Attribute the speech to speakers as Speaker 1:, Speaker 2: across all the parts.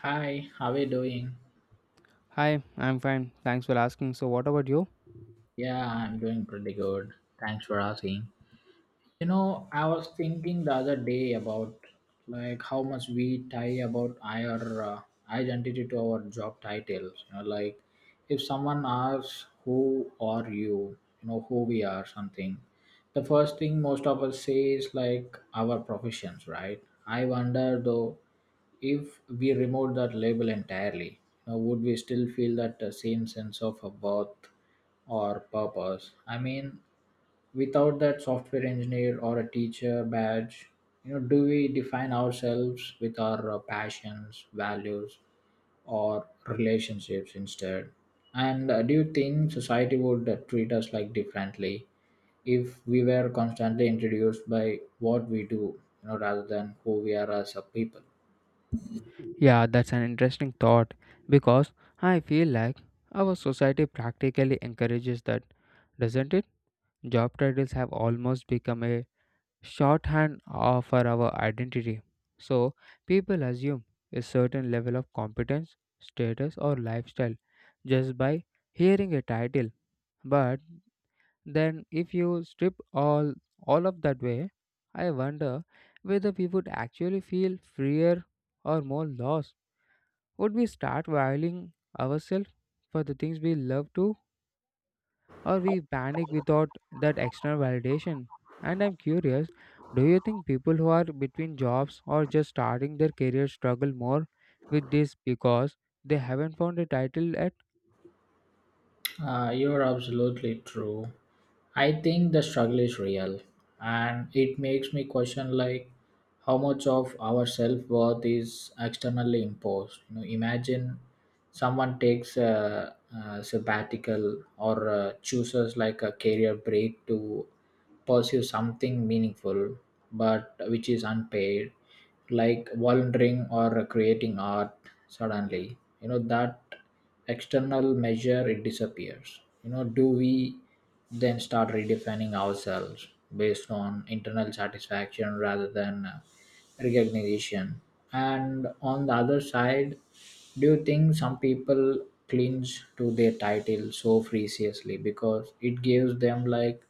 Speaker 1: Hi, how are you doing?
Speaker 2: Hi, I'm fine. Thanks for asking. So, what about you?
Speaker 1: Yeah, I'm doing pretty good. Thanks for asking. I was thinking the other day about like how much we tie about our identity to our job titles. Like if someone asks who are you, you know who we are, something. The first thing most of us say is like our professions, right? I wonder though if we remove that label entirely, would we still feel that same sense of a worth or purpose? I mean, without that software engineer or a teacher badge, do we define ourselves with our passions, values, or relationships instead? And do you think society would treat us like differently if we were constantly introduced by what we do, rather than who we are as a people?
Speaker 2: Yeah, that's an interesting thought because I feel like our society practically encourages that, doesn't it? Job titles have almost become a shorthand for our identity. So, people assume a certain level of competence, status, or lifestyle just by hearing a title. But then, if you strip all of that way, I wonder whether we would actually feel freer or more lost. Would we start valuing ourselves for the things we love to, or we panic without that external validation? And I'm curious, do you think people who are between jobs or just starting their career struggle more with this because they haven't found a title yet?
Speaker 1: You're absolutely true. I think the struggle is real, and it makes me question like how much of our self worth is externally imposed. Imagine someone takes a sabbatical or chooses like a career break to pursue something meaningful, but which is unpaid, like volunteering or creating art. Suddenly, that external measure, it disappears. Do we then start redefining ourselves based on internal satisfaction rather than recognition? And on the other side, do you think some people cling to their title so freakishly because it gives them like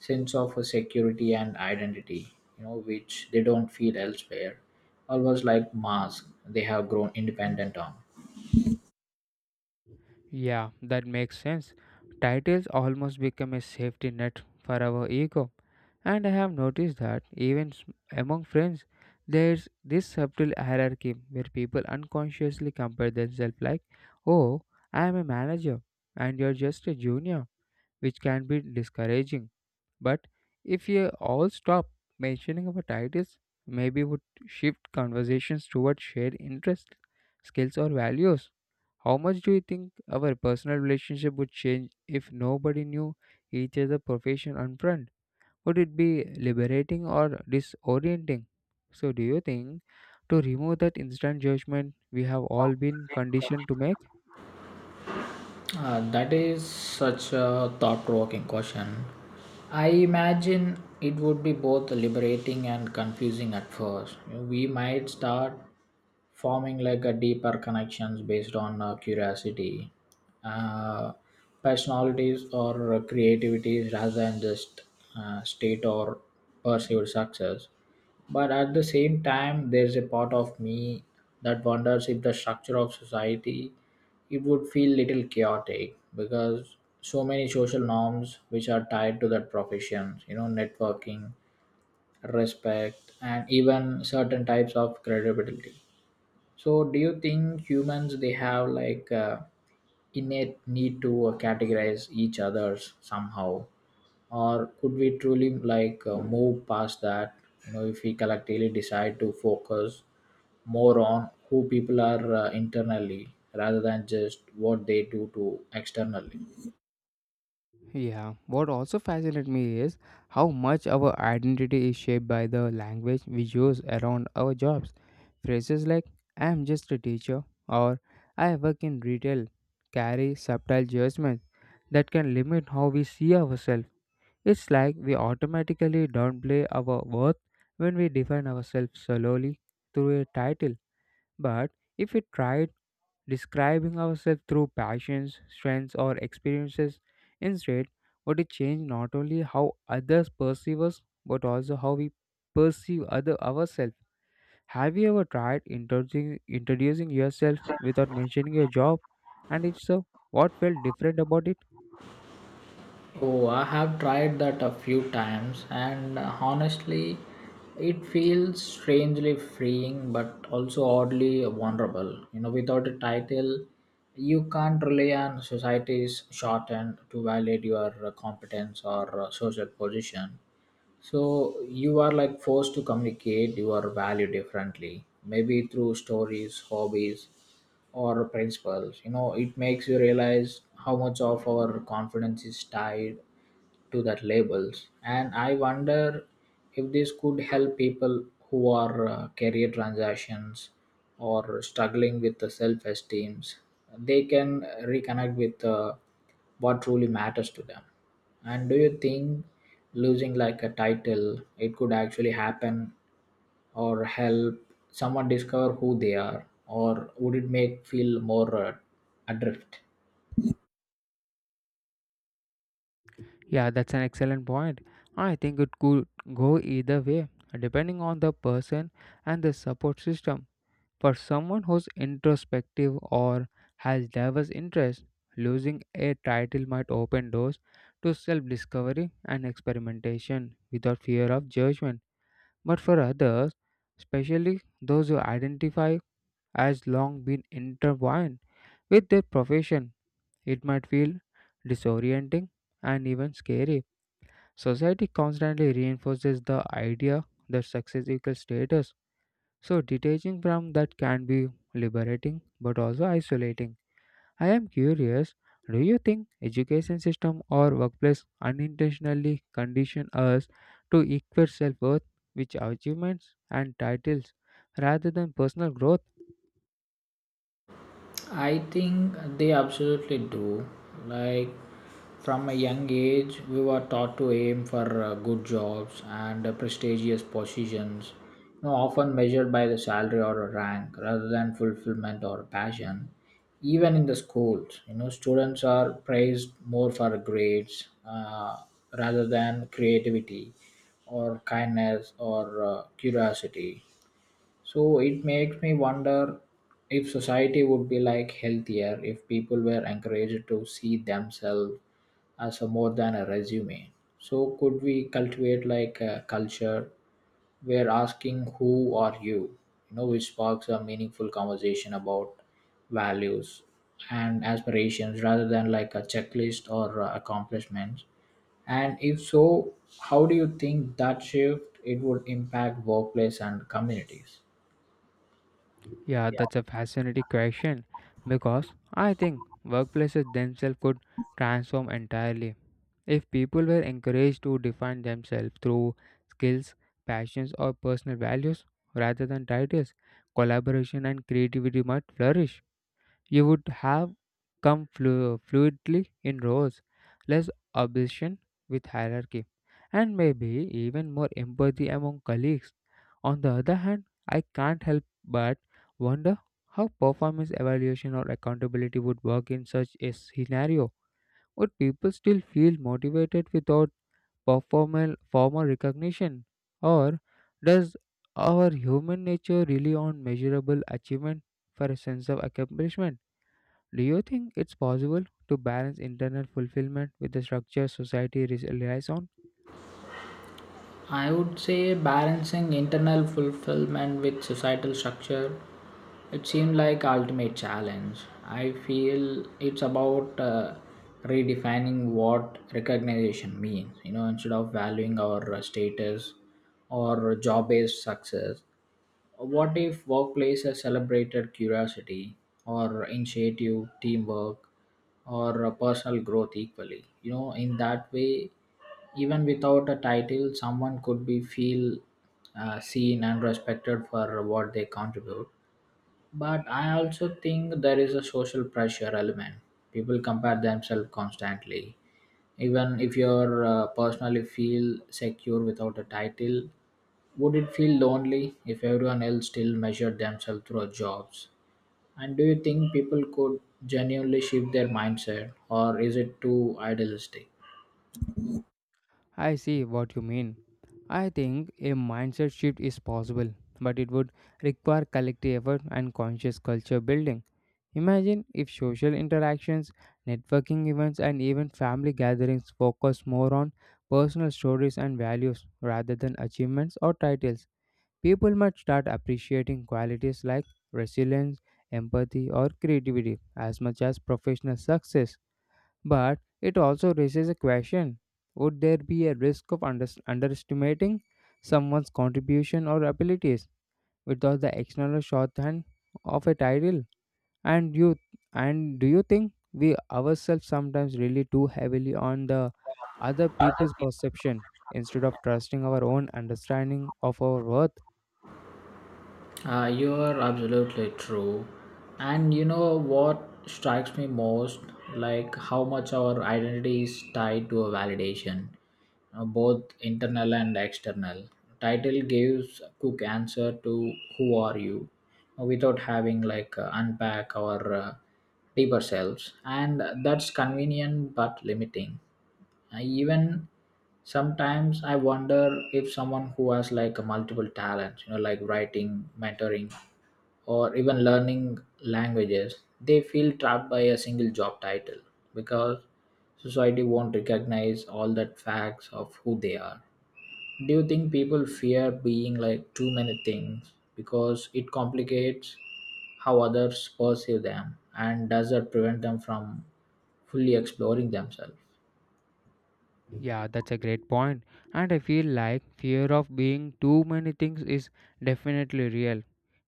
Speaker 1: sense of a security and identity, which they don't feel elsewhere? Almost like mask they have grown independent on.
Speaker 2: Yeah, that makes sense. Titles almost become a safety net for our ego. And I have noticed that even among friends, there's this subtle hierarchy where people unconsciously compare themselves like, oh, I am a manager and you're just a junior, which can be discouraging. But if we all stop mentioning our titles, maybe would shift conversations toward shared interests, skills, or values. How much do you think our personal relationship would change if nobody knew each other profession and front? Would it be liberating or disorienting? So, do you think to remove that instant judgment we have all been conditioned to make?
Speaker 1: That is such a thought-provoking question. I imagine it would be both liberating and confusing at first. We might start forming like a deeper connections based on curiosity, uh, personalities, or creativities rather than just state or perceived success. But at the same time, there's a part of me that wonders if the structure of society, it would feel little chaotic, because so many social norms which are tied to that profession, networking, respect, and even certain types of credibility. So, do you think humans, they have like innate need to categorize each others somehow, or could we truly like move past that? If we collectively decide to focus more on who people are internally rather than just what they do to externally.
Speaker 2: Yeah, what also fascinates me is how much our identity is shaped by the language we use around our jobs. Phrases like I am just a teacher or I work in retail carry subtle judgments that can limit how we see ourselves. It's like we automatically downplay our worth when we define ourselves solely through a title. But if we tried describing ourselves through passions, strengths, or experiences instead, what it changed not only how others perceive us, but also how we perceive other ourselves. Have you ever tried introducing yourself without mentioning your job? And if so, what felt different about it?
Speaker 1: Oh, I have tried that a few times, and honestly, it feels strangely freeing but also oddly vulnerable. Without a title, you can't rely on society's shorthand to validate your competence or social position. So, you are like forced to communicate your value differently, maybe through stories, hobbies, or principles. It makes you realize how much of our confidence is tied to that labels, and I wonder if this could help people who are career transactions or struggling with the self esteems. They can reconnect with what truly matters to them. And do you think losing like a title, it could actually happen or help someone discover who they are, or would it make feel more adrift?
Speaker 2: Yeah, that's an excellent point. I think it could go either way, depending on the person and the support system. For someone who's introspective or has diverse interests, losing a title might open doors to self discovery and experimentation without fear of judgment. But for others, especially those who identify as long been intertwined with their profession, it might feel disorienting and even scary. Society constantly reinforces the idea that success equals status, so detaching from that can be liberating but also isolating. I am curious, do you think education system or workplace unintentionally condition us to equate self-worth with achievements and titles rather than personal growth?
Speaker 1: I think they absolutely do. Like from a young age, we were taught to aim for good jobs and prestigious positions, often measured by the salary or a rank rather than fulfillment or passion. Even in the schools, students are praised more for grades rather than creativity or kindness or curiosity. So it makes me wonder if society would be like healthier if people were encouraged to see themselves as a more than a resume. So could we cultivate like a culture where asking who are you, which sparks a meaningful conversation about values and aspirations rather than like a checklist or accomplishments. And if so, how do you think that shift, it would impact workplace and communities?
Speaker 2: Yeah, that's a fascinating question because I think workplaces themselves could transform entirely. If people were encouraged to define themselves through skills, passions, or personal values rather than titles, collaboration and creativity might flourish. You would have come fluidly in rows, less obsession with hierarchy, and maybe even more empathy among colleagues. On the other hand, I can't help but wonder how performance evaluation or accountability would work in such a scenario. Would people still feel motivated without performal formal recognition? Or does our human nature rely on measurable achievement for a sense of accomplishment? Do you think it's possible to balance internal fulfillment with the structure society relies on?
Speaker 1: I would say balancing internal fulfillment with societal structure. It seemed like ultimate challenge. I feel it's about redefining what recognition means. Instead of valuing our status or job-based success, what if workplaces celebrated curiosity or initiative, teamwork, or personal growth equally? In that way, even without a title, someone could be feel seen and respected for what they contribute. But I also think there is a social pressure element. People compare themselves constantly. Even if you personally feel secure without a title, would it feel lonely if everyone else still measured themselves through jobs? And do you think people could genuinely shift their mindset, or is it too idealistic?
Speaker 2: I see what you mean. I think a mindset shift is possible, but it would require collective effort and conscious culture building. Imagine if social interactions, networking events, and even family gatherings focus more on personal stories and values rather than achievements or titles. People might start appreciating qualities like resilience, empathy, or creativity as much as professional success. But it also raises a question: would there be a risk of underestimating someone's contribution or abilities without the external shorthand of a title? And you and do you think we ourselves sometimes rely too heavily on the other people's perception instead of trusting our own understanding of our worth?
Speaker 1: You are absolutely true. And you know what strikes me most? Like how much our identity is tied to a validation, both internal and external. Title gives a quick answer to who are you, without having like unpack our deeper selves. And that's convenient but limiting. I even sometimes I wonder if someone who has like a multiple talents, like writing, mentoring, or even learning languages, they feel trapped by a single job title because society won't recognize all the facts of who they are. Do you think people fear being like too many things because it complicates how others perceive them, and does that prevent them from fully exploring themselves?
Speaker 2: Yeah, that's a great point. And I feel like fear of being too many things is definitely real.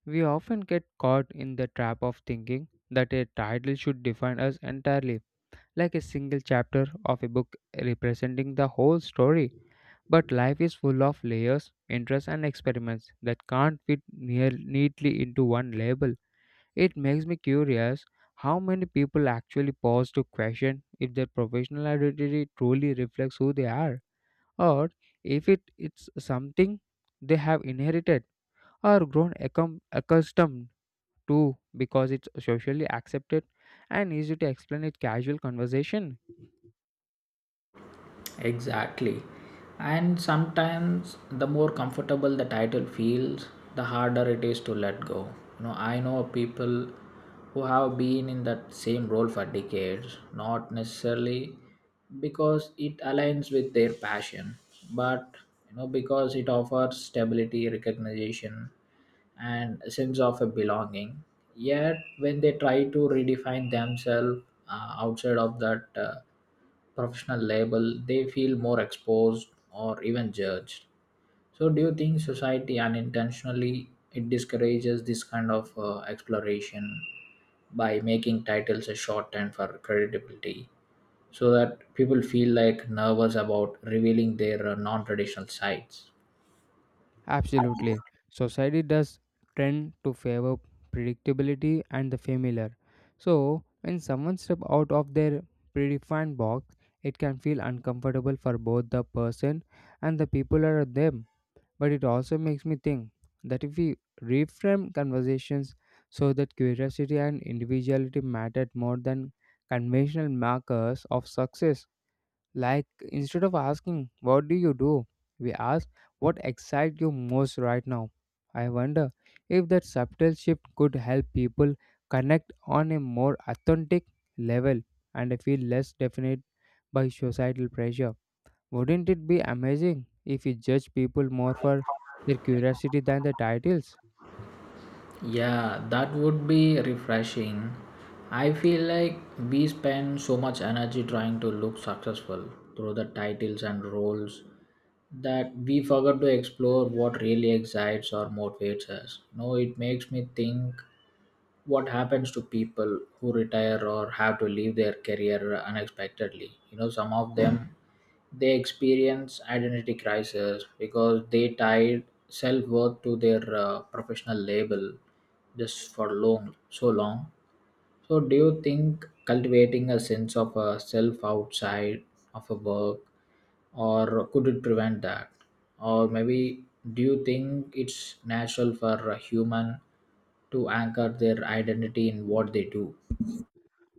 Speaker 2: We often get caught in the trap of thinking that a title should define us entirely, like a single chapter of a book representing the whole story. But life is full of layers, interests, and experiments that can't fit near neatly into one label. It makes me curious how many people actually pause to question if their professional identity truly reflects who they are, or if it's something they have inherited or grown accustomed to because it's socially accepted and easy to explain in casual conversation.
Speaker 1: Exactly. And sometimes the more comfortable the title feels, the harder it is to let go. I know people who have been in that same role for decades, not necessarily because it aligns with their passion, but because it offers stability, recognition, and a sense of a belonging. Yet, when they try to redefine themselves outside of that professional label, they feel more exposed or even judged. So, do you think society unintentionally it discourages this kind of exploration by making titles a shorthand for credibility, so that people feel like nervous about revealing their non-traditional sides?
Speaker 2: Absolutely. Society does tend to favor predictability and the familiar. So when someone steps out of their predefined box, it can feel uncomfortable for both the person and the people around them. But it also makes me think that if we reframe conversations so that curiosity and individuality mattered more than conventional markers of success, like instead of asking, "What do you do?" we ask, "What excites you most right now?" I wonder if that subtle shift could help people connect on a more authentic level and feel less definite by societal pressure. Wouldn't it be amazing if we judge people more for their curiosity than the titles?
Speaker 1: Yeah, that would be refreshing. I feel like we spend so much energy trying to look successful through the titles and roles that we forget to explore what really excites or motivates us. No, it makes me think what happens to people who retire or have to leave their career unexpectedly. Some of them they experience identity crisis because they tied self worth to their professional label just for long, so long. So, do you think cultivating a sense of a self outside of a work, or could it prevent that? Or maybe do you think it's natural for a human to anchor their identity in what they do?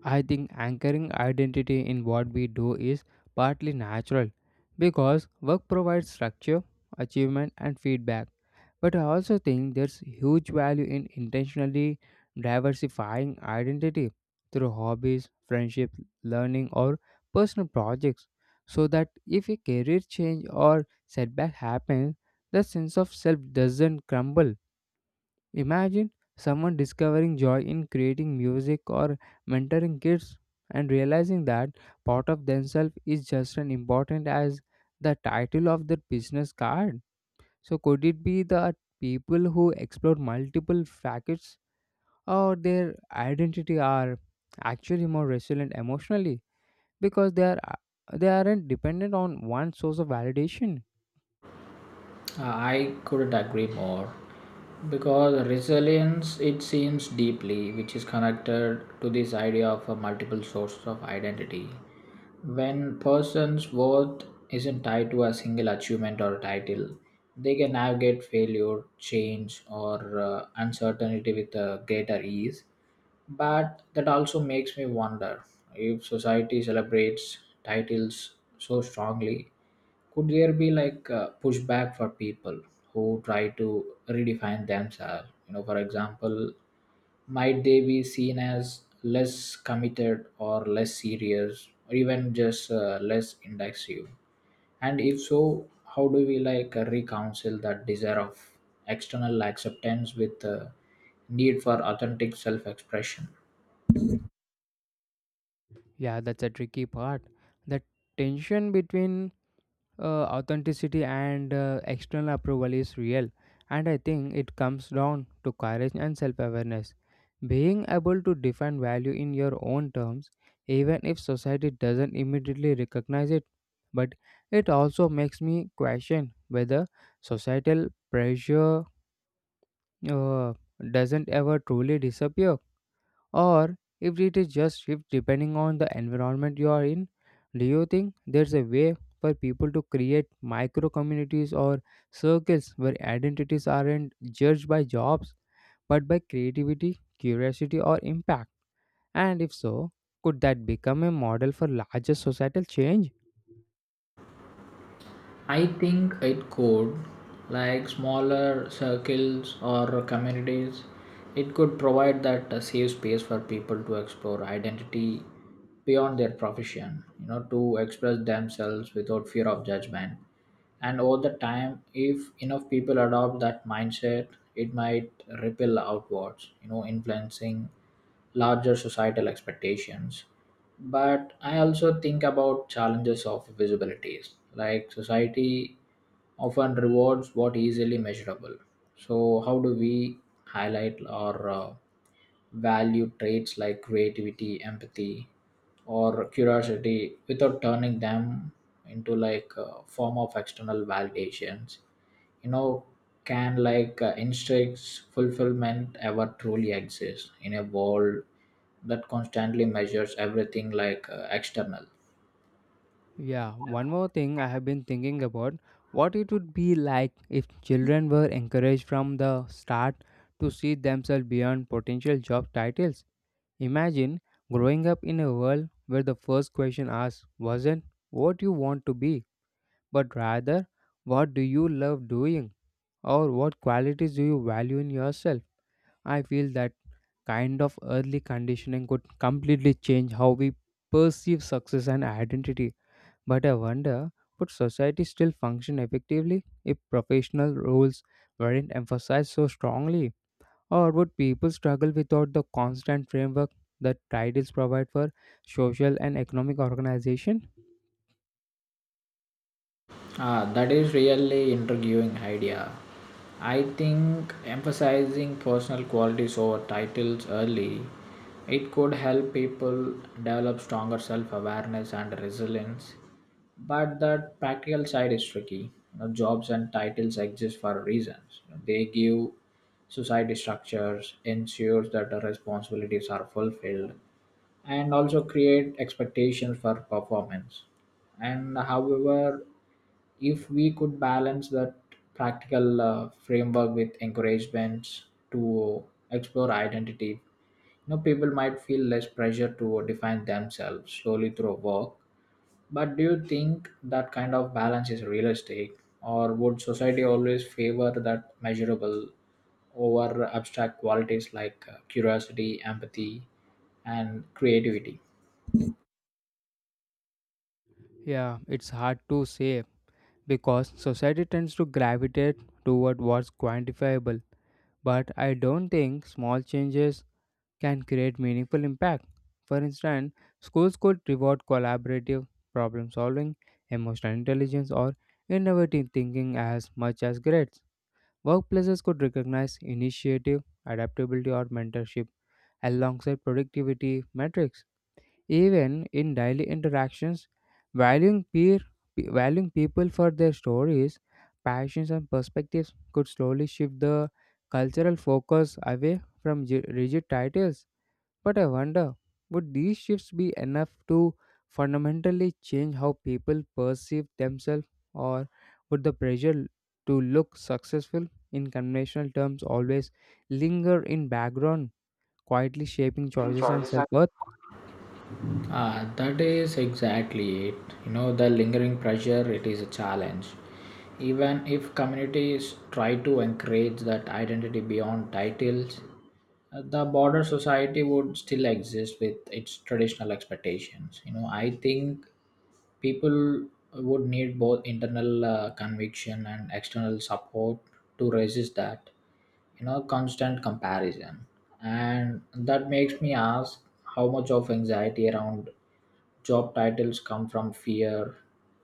Speaker 2: I think anchoring identity in what we do is partly natural because work provides structure, achievement, and feedback. But I also think there's huge value in intentionally diversifying identity through hobbies, friendship, learning, or personal projects so that if a career change or setback happens, the sense of self doesn't crumble. Imagine someone discovering joy in creating music or mentoring kids and realizing that part of themselves is just as important as the title of their business card. So, could it be that people who explore multiple facets of their identity are actually more resilient emotionally because they aren't dependent on one source of validation?
Speaker 1: I couldn't agree more because resilience, it seems deeply which is connected to this idea of a multiple source of identity. When person's worth isn't tied to a single achievement or title, they can navigate failure, change, or uncertainty with a greater ease. But that also makes me wonder if society celebrates titles so strongly, could there be like a pushback for people who try to redefine themselves? For example, might they be seen as less committed or less serious or even just less indecisive? And if so, how do we like reconcile that desire of external acceptance with the need for authentic self expression?
Speaker 2: Yeah, that's a tricky part. The tension between authenticity and external approval is real, and I think it comes down to courage and self-awareness, being able to define value in your own terms even if society doesn't immediately recognize it. But it also makes me question whether societal pressure uh, doesn't ever truly disappear, or if it is just shift depending on the environment you are in. Do you think there's a way for people to create micro communities or circles where identities aren't judged by jobs but by creativity, curiosity, or impact? And if so, could that become a model for larger societal change?
Speaker 1: I think it could, like smaller circles or communities, it could provide that a safe space for people to explore identity beyond their profession, to express themselves without fear of judgment. And over the time, if enough people adopt that mindset, it might ripple outwards, influencing larger societal expectations. But I also think about challenges of visibilities. Like society often rewards what easily measurable, so how do we highlight or value traits like creativity, empathy, or curiosity without turning them into like a form of external validations? you know can like instincts fulfillment ever truly exist in a world that constantly measures everything like external?
Speaker 2: Yeah, one more thing I have been thinking about: what it would be like if children were encouraged from the start to see themselves beyond potential job titles. Imagine growing up in a world where the first question asked wasn't what you want to be, but rather what do you love doing, or what qualities do you value in yourself. I feel that kind of early conditioning could completely change how we perceive success and identity. But I wonder, would society still function effectively if professional roles weren't emphasized so strongly? Or would people struggle without the constant framework that titles provide for social and economic organization?
Speaker 1: Ah, that is really intriguing idea. I think emphasizing personal qualities over titles early, it could help people develop stronger self-awareness and resilience. But that practical side is tricky. Jobs and titles exist for reasons. They give society structures, ensures that the responsibilities are fulfilled, and also create expectations for performance. And however, if we could balance that practical framework with encouragements to explore identity, people might feel less pressure to define themselves slowly through work. But do you think that kind of balance is realistic, or would society always favor that measurable over abstract qualities like curiosity, empathy, and creativity?
Speaker 2: Yeah, it's hard to say because society tends to gravitate toward what's quantifiable. But I don't think small changes can create meaningful impact. For instance, schools could reward collaborative problem solving, emotional intelligence, or innovative thinking as much as grades. Workplaces could recognize initiative, adaptability, or mentorship alongside productivity metrics. Even in daily interactions, valuing valuing people for their stories, passions, and perspectives could slowly shift the cultural focus away from rigid titles. But I wonder, would these shifts be enough to fundamentally change how people perceive themselves, or would the pressure to look successful in conventional terms always linger in background, quietly shaping choices and
Speaker 1: Choices.
Speaker 2: self-worth?
Speaker 1: Ah, that is exactly it. The lingering pressure, it is a challenge. Even if communities try to encourage that identity beyond titles, the border society would still exist with its traditional expectations. I think people would need both internal conviction and external support to resist that, constant comparison. And that makes me ask how much of anxiety around job titles come from fear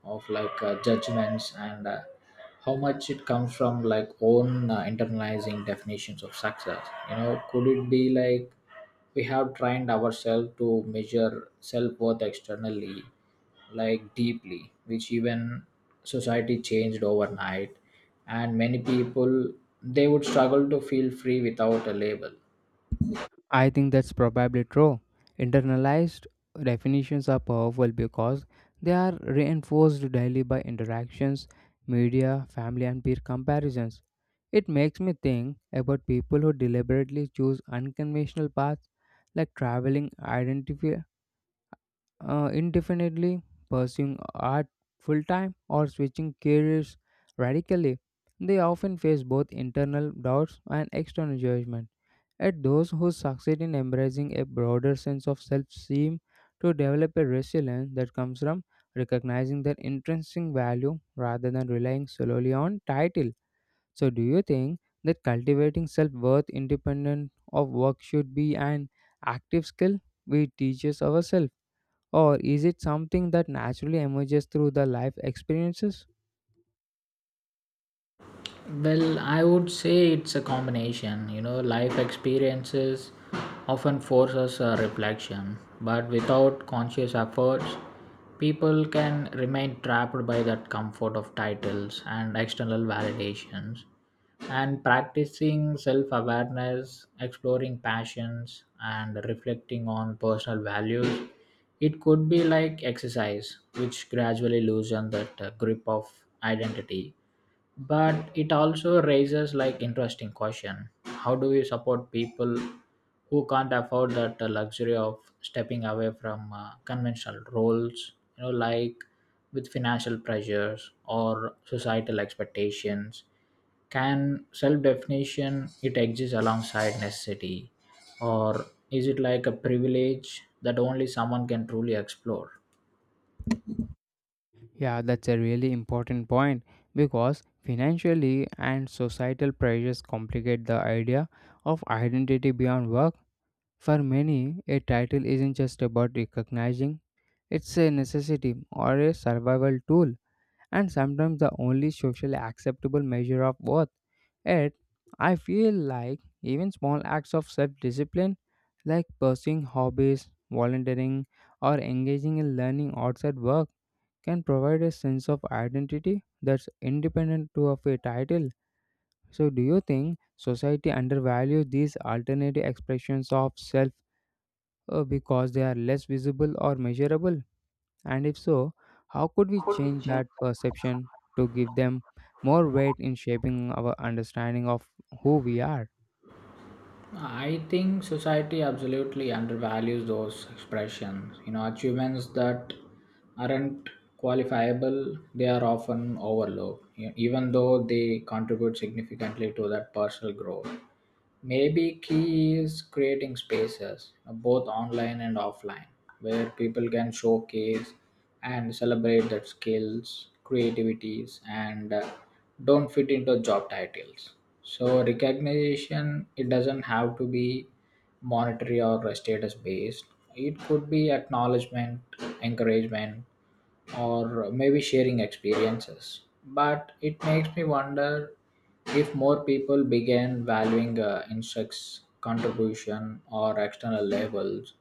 Speaker 1: of like judgments, and how much it comes from like own internalizing definitions of success. Could it be like we have trained ourselves to measure self-worth externally like deeply, which even society changed overnight, and many people they would struggle to feel free without a label?
Speaker 2: I think that's probably true. Internalized definitions are powerful because they are reinforced daily by interactions, media, family, and peer comparisons. It makes me think about people who deliberately choose unconventional paths like traveling indefinitely, pursuing art full time, or switching careers radically. They often face both internal doubts and external judgment. Yet those who succeed in embracing a broader sense of self seem to develop a resilience that comes from recognizing their intrinsic value rather than relying solely on title. So, do you think that cultivating self worth independent of work should be an active skill we teaches ourselves, or is it something that naturally emerges through the life experiences?
Speaker 1: Well, I would say it's a combination. Life experiences often force us a reflection, but without conscious efforts, people can remain trapped by that comfort of titles and external validations. And practicing self awareness, exploring passions, and reflecting on personal values, it could be like exercise, which gradually loosen that grip of identity. But it also raises like interesting question. How do we support people who can't afford that luxury of stepping away from conventional roles, like with financial pressures or societal expectations? Can self definition it exist alongside necessity, or is it like a privilege that only someone can truly explore?
Speaker 2: Yeah, that's a really important point because financially and societal pressures complicate the idea of identity beyond work. For many, a title isn't just about recognizing, it's a necessity or a survival tool, and sometimes the only socially acceptable measure of worth. Yet, I feel like even small acts of self discipline, like pursuing hobbies, volunteering, or engaging in learning outside work, can provide a sense of identity that's independent to of a title. So, do you think society undervalues these alternative expressions of self because they are less visible or measurable? And if so, how could we
Speaker 1: How could we
Speaker 2: change
Speaker 1: change?
Speaker 2: that perception to give them more weight in shaping our understanding of who we are?
Speaker 1: I think society absolutely undervalues those expressions. Achievements that aren't qualifiable, they are often overlooked, even though they contribute significantly to that personal growth. Maybe key is creating spaces, both online and offline, where people can showcase and celebrate their skills, creativities, and don't fit into job titles. So recognition it doesn't have to be monetary or status based. It could be acknowledgement, encouragement, or maybe sharing experiences. But it makes me wonder if more people began valuing insects' contribution or external labels,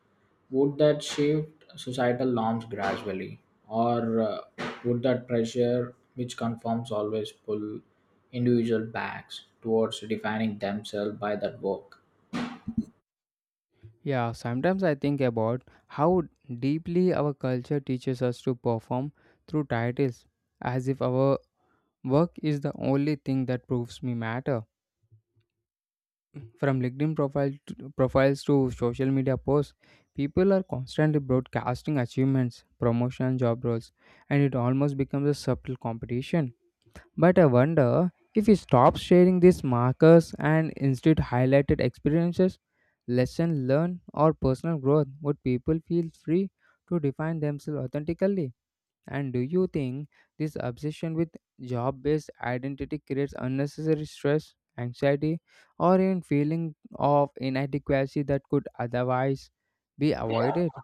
Speaker 1: would that shift societal norms gradually? Or would that pressure, which conforms, always pull individual backs towards defining themselves by that work?
Speaker 2: Yeah, sometimes I think about how deeply our culture teaches us to perform through titles, as if our work is the only thing that proves me matter. From LinkedIn profiles to social media posts, people are constantly broadcasting achievements, promotion, job roles, and it almost becomes a subtle competition. But I wonder if we stop sharing these markers and instead highlighted experiences, lesson learned, or personal growth, would people feel free to define themselves authentically? And do you think this obsession with job based identity creates unnecessary stress, anxiety, or even feeling of inadequacy that could otherwise be avoided?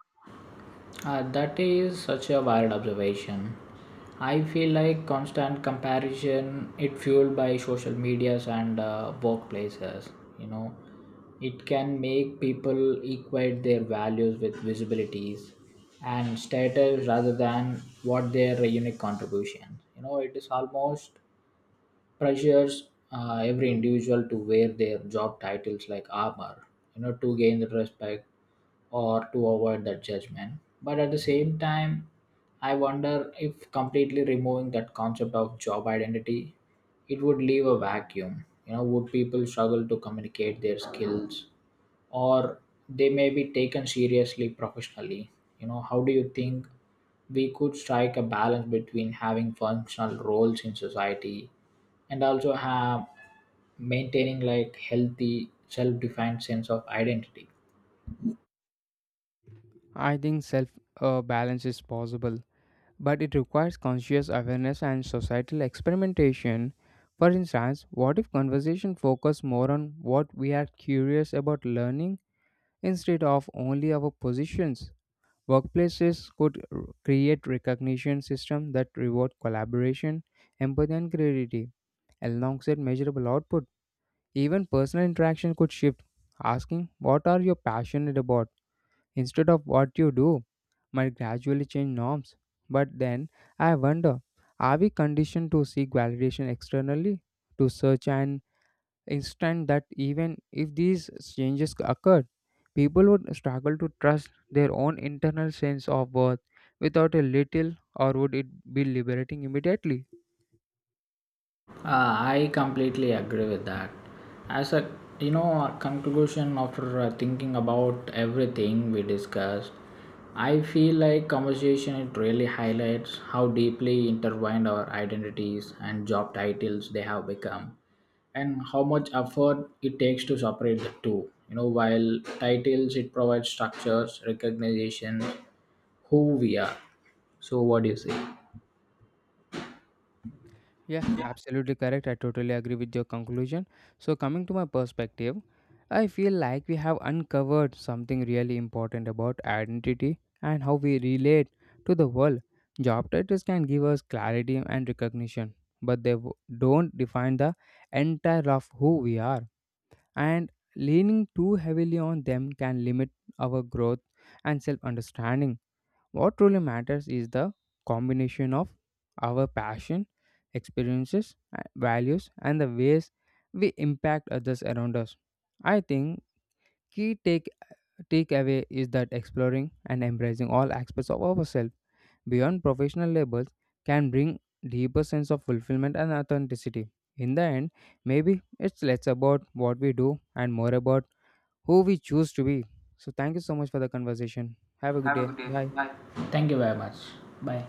Speaker 1: That is such a wild observation. I feel like constant comparison, it fueled by social medias and workplaces. You know, it can make people equate their values with visibilities and status rather than what their unique contribution. It is almost pressures every individual to wear their job titles like armor, to gain the respect or to avoid that judgment. But at the same time, I wonder if completely removing that concept of job identity, it would leave a vacuum. Would people struggle to communicate their skills, or they may be taken seriously professionally? How do you think we could strike a balance between having functional roles in society and also have maintaining like healthy self-defined sense of identity?
Speaker 2: I think self balance is possible, but it requires conscious awareness and societal experimentation. For instance, what if conversation focus more on what we are curious about learning instead of only our positions? Workplaces could create recognition systems that reward collaboration, empathy, and creativity alongside measurable output. Even personal interaction could shift, asking, "What are you passionate about?" instead of what you do, might gradually change norms. But then I wonder, are we conditioned to seek validation externally, to search and instant that even if these changes occurred, people would struggle to trust their own internal sense of worth without a little, or would it be liberating immediately?
Speaker 1: I completely agree with that. As a a conclusion after thinking about everything we discussed, I feel like conversation it really highlights how deeply intertwined our identities and job titles they have become, and how much effort it takes to separate the two. While titles it provides structures, recognition, who we are. So, what do you say?
Speaker 2: Yeah, absolutely correct. I totally agree with your conclusion. So, coming to my perspective, I feel like we have uncovered something really important about identity and how we relate to the world. Job titles can give us clarity and recognition, but don't define the entire of who we are, and leaning too heavily on them can limit our growth and self understanding. What truly matters is the combination of our passion, experiences, values, and the ways we impact others around us. I think key takeaway is that exploring and embracing all aspects of ourselves beyond professional labels can bring deeper sense of fulfillment and authenticity. In the end, maybe it's less about what we do and more about who we choose to be. So, thank you so much for the conversation. Have a good
Speaker 1: Have a
Speaker 2: day.
Speaker 1: good day.
Speaker 2: Bye.
Speaker 1: Bye. Thank you very much. Bye.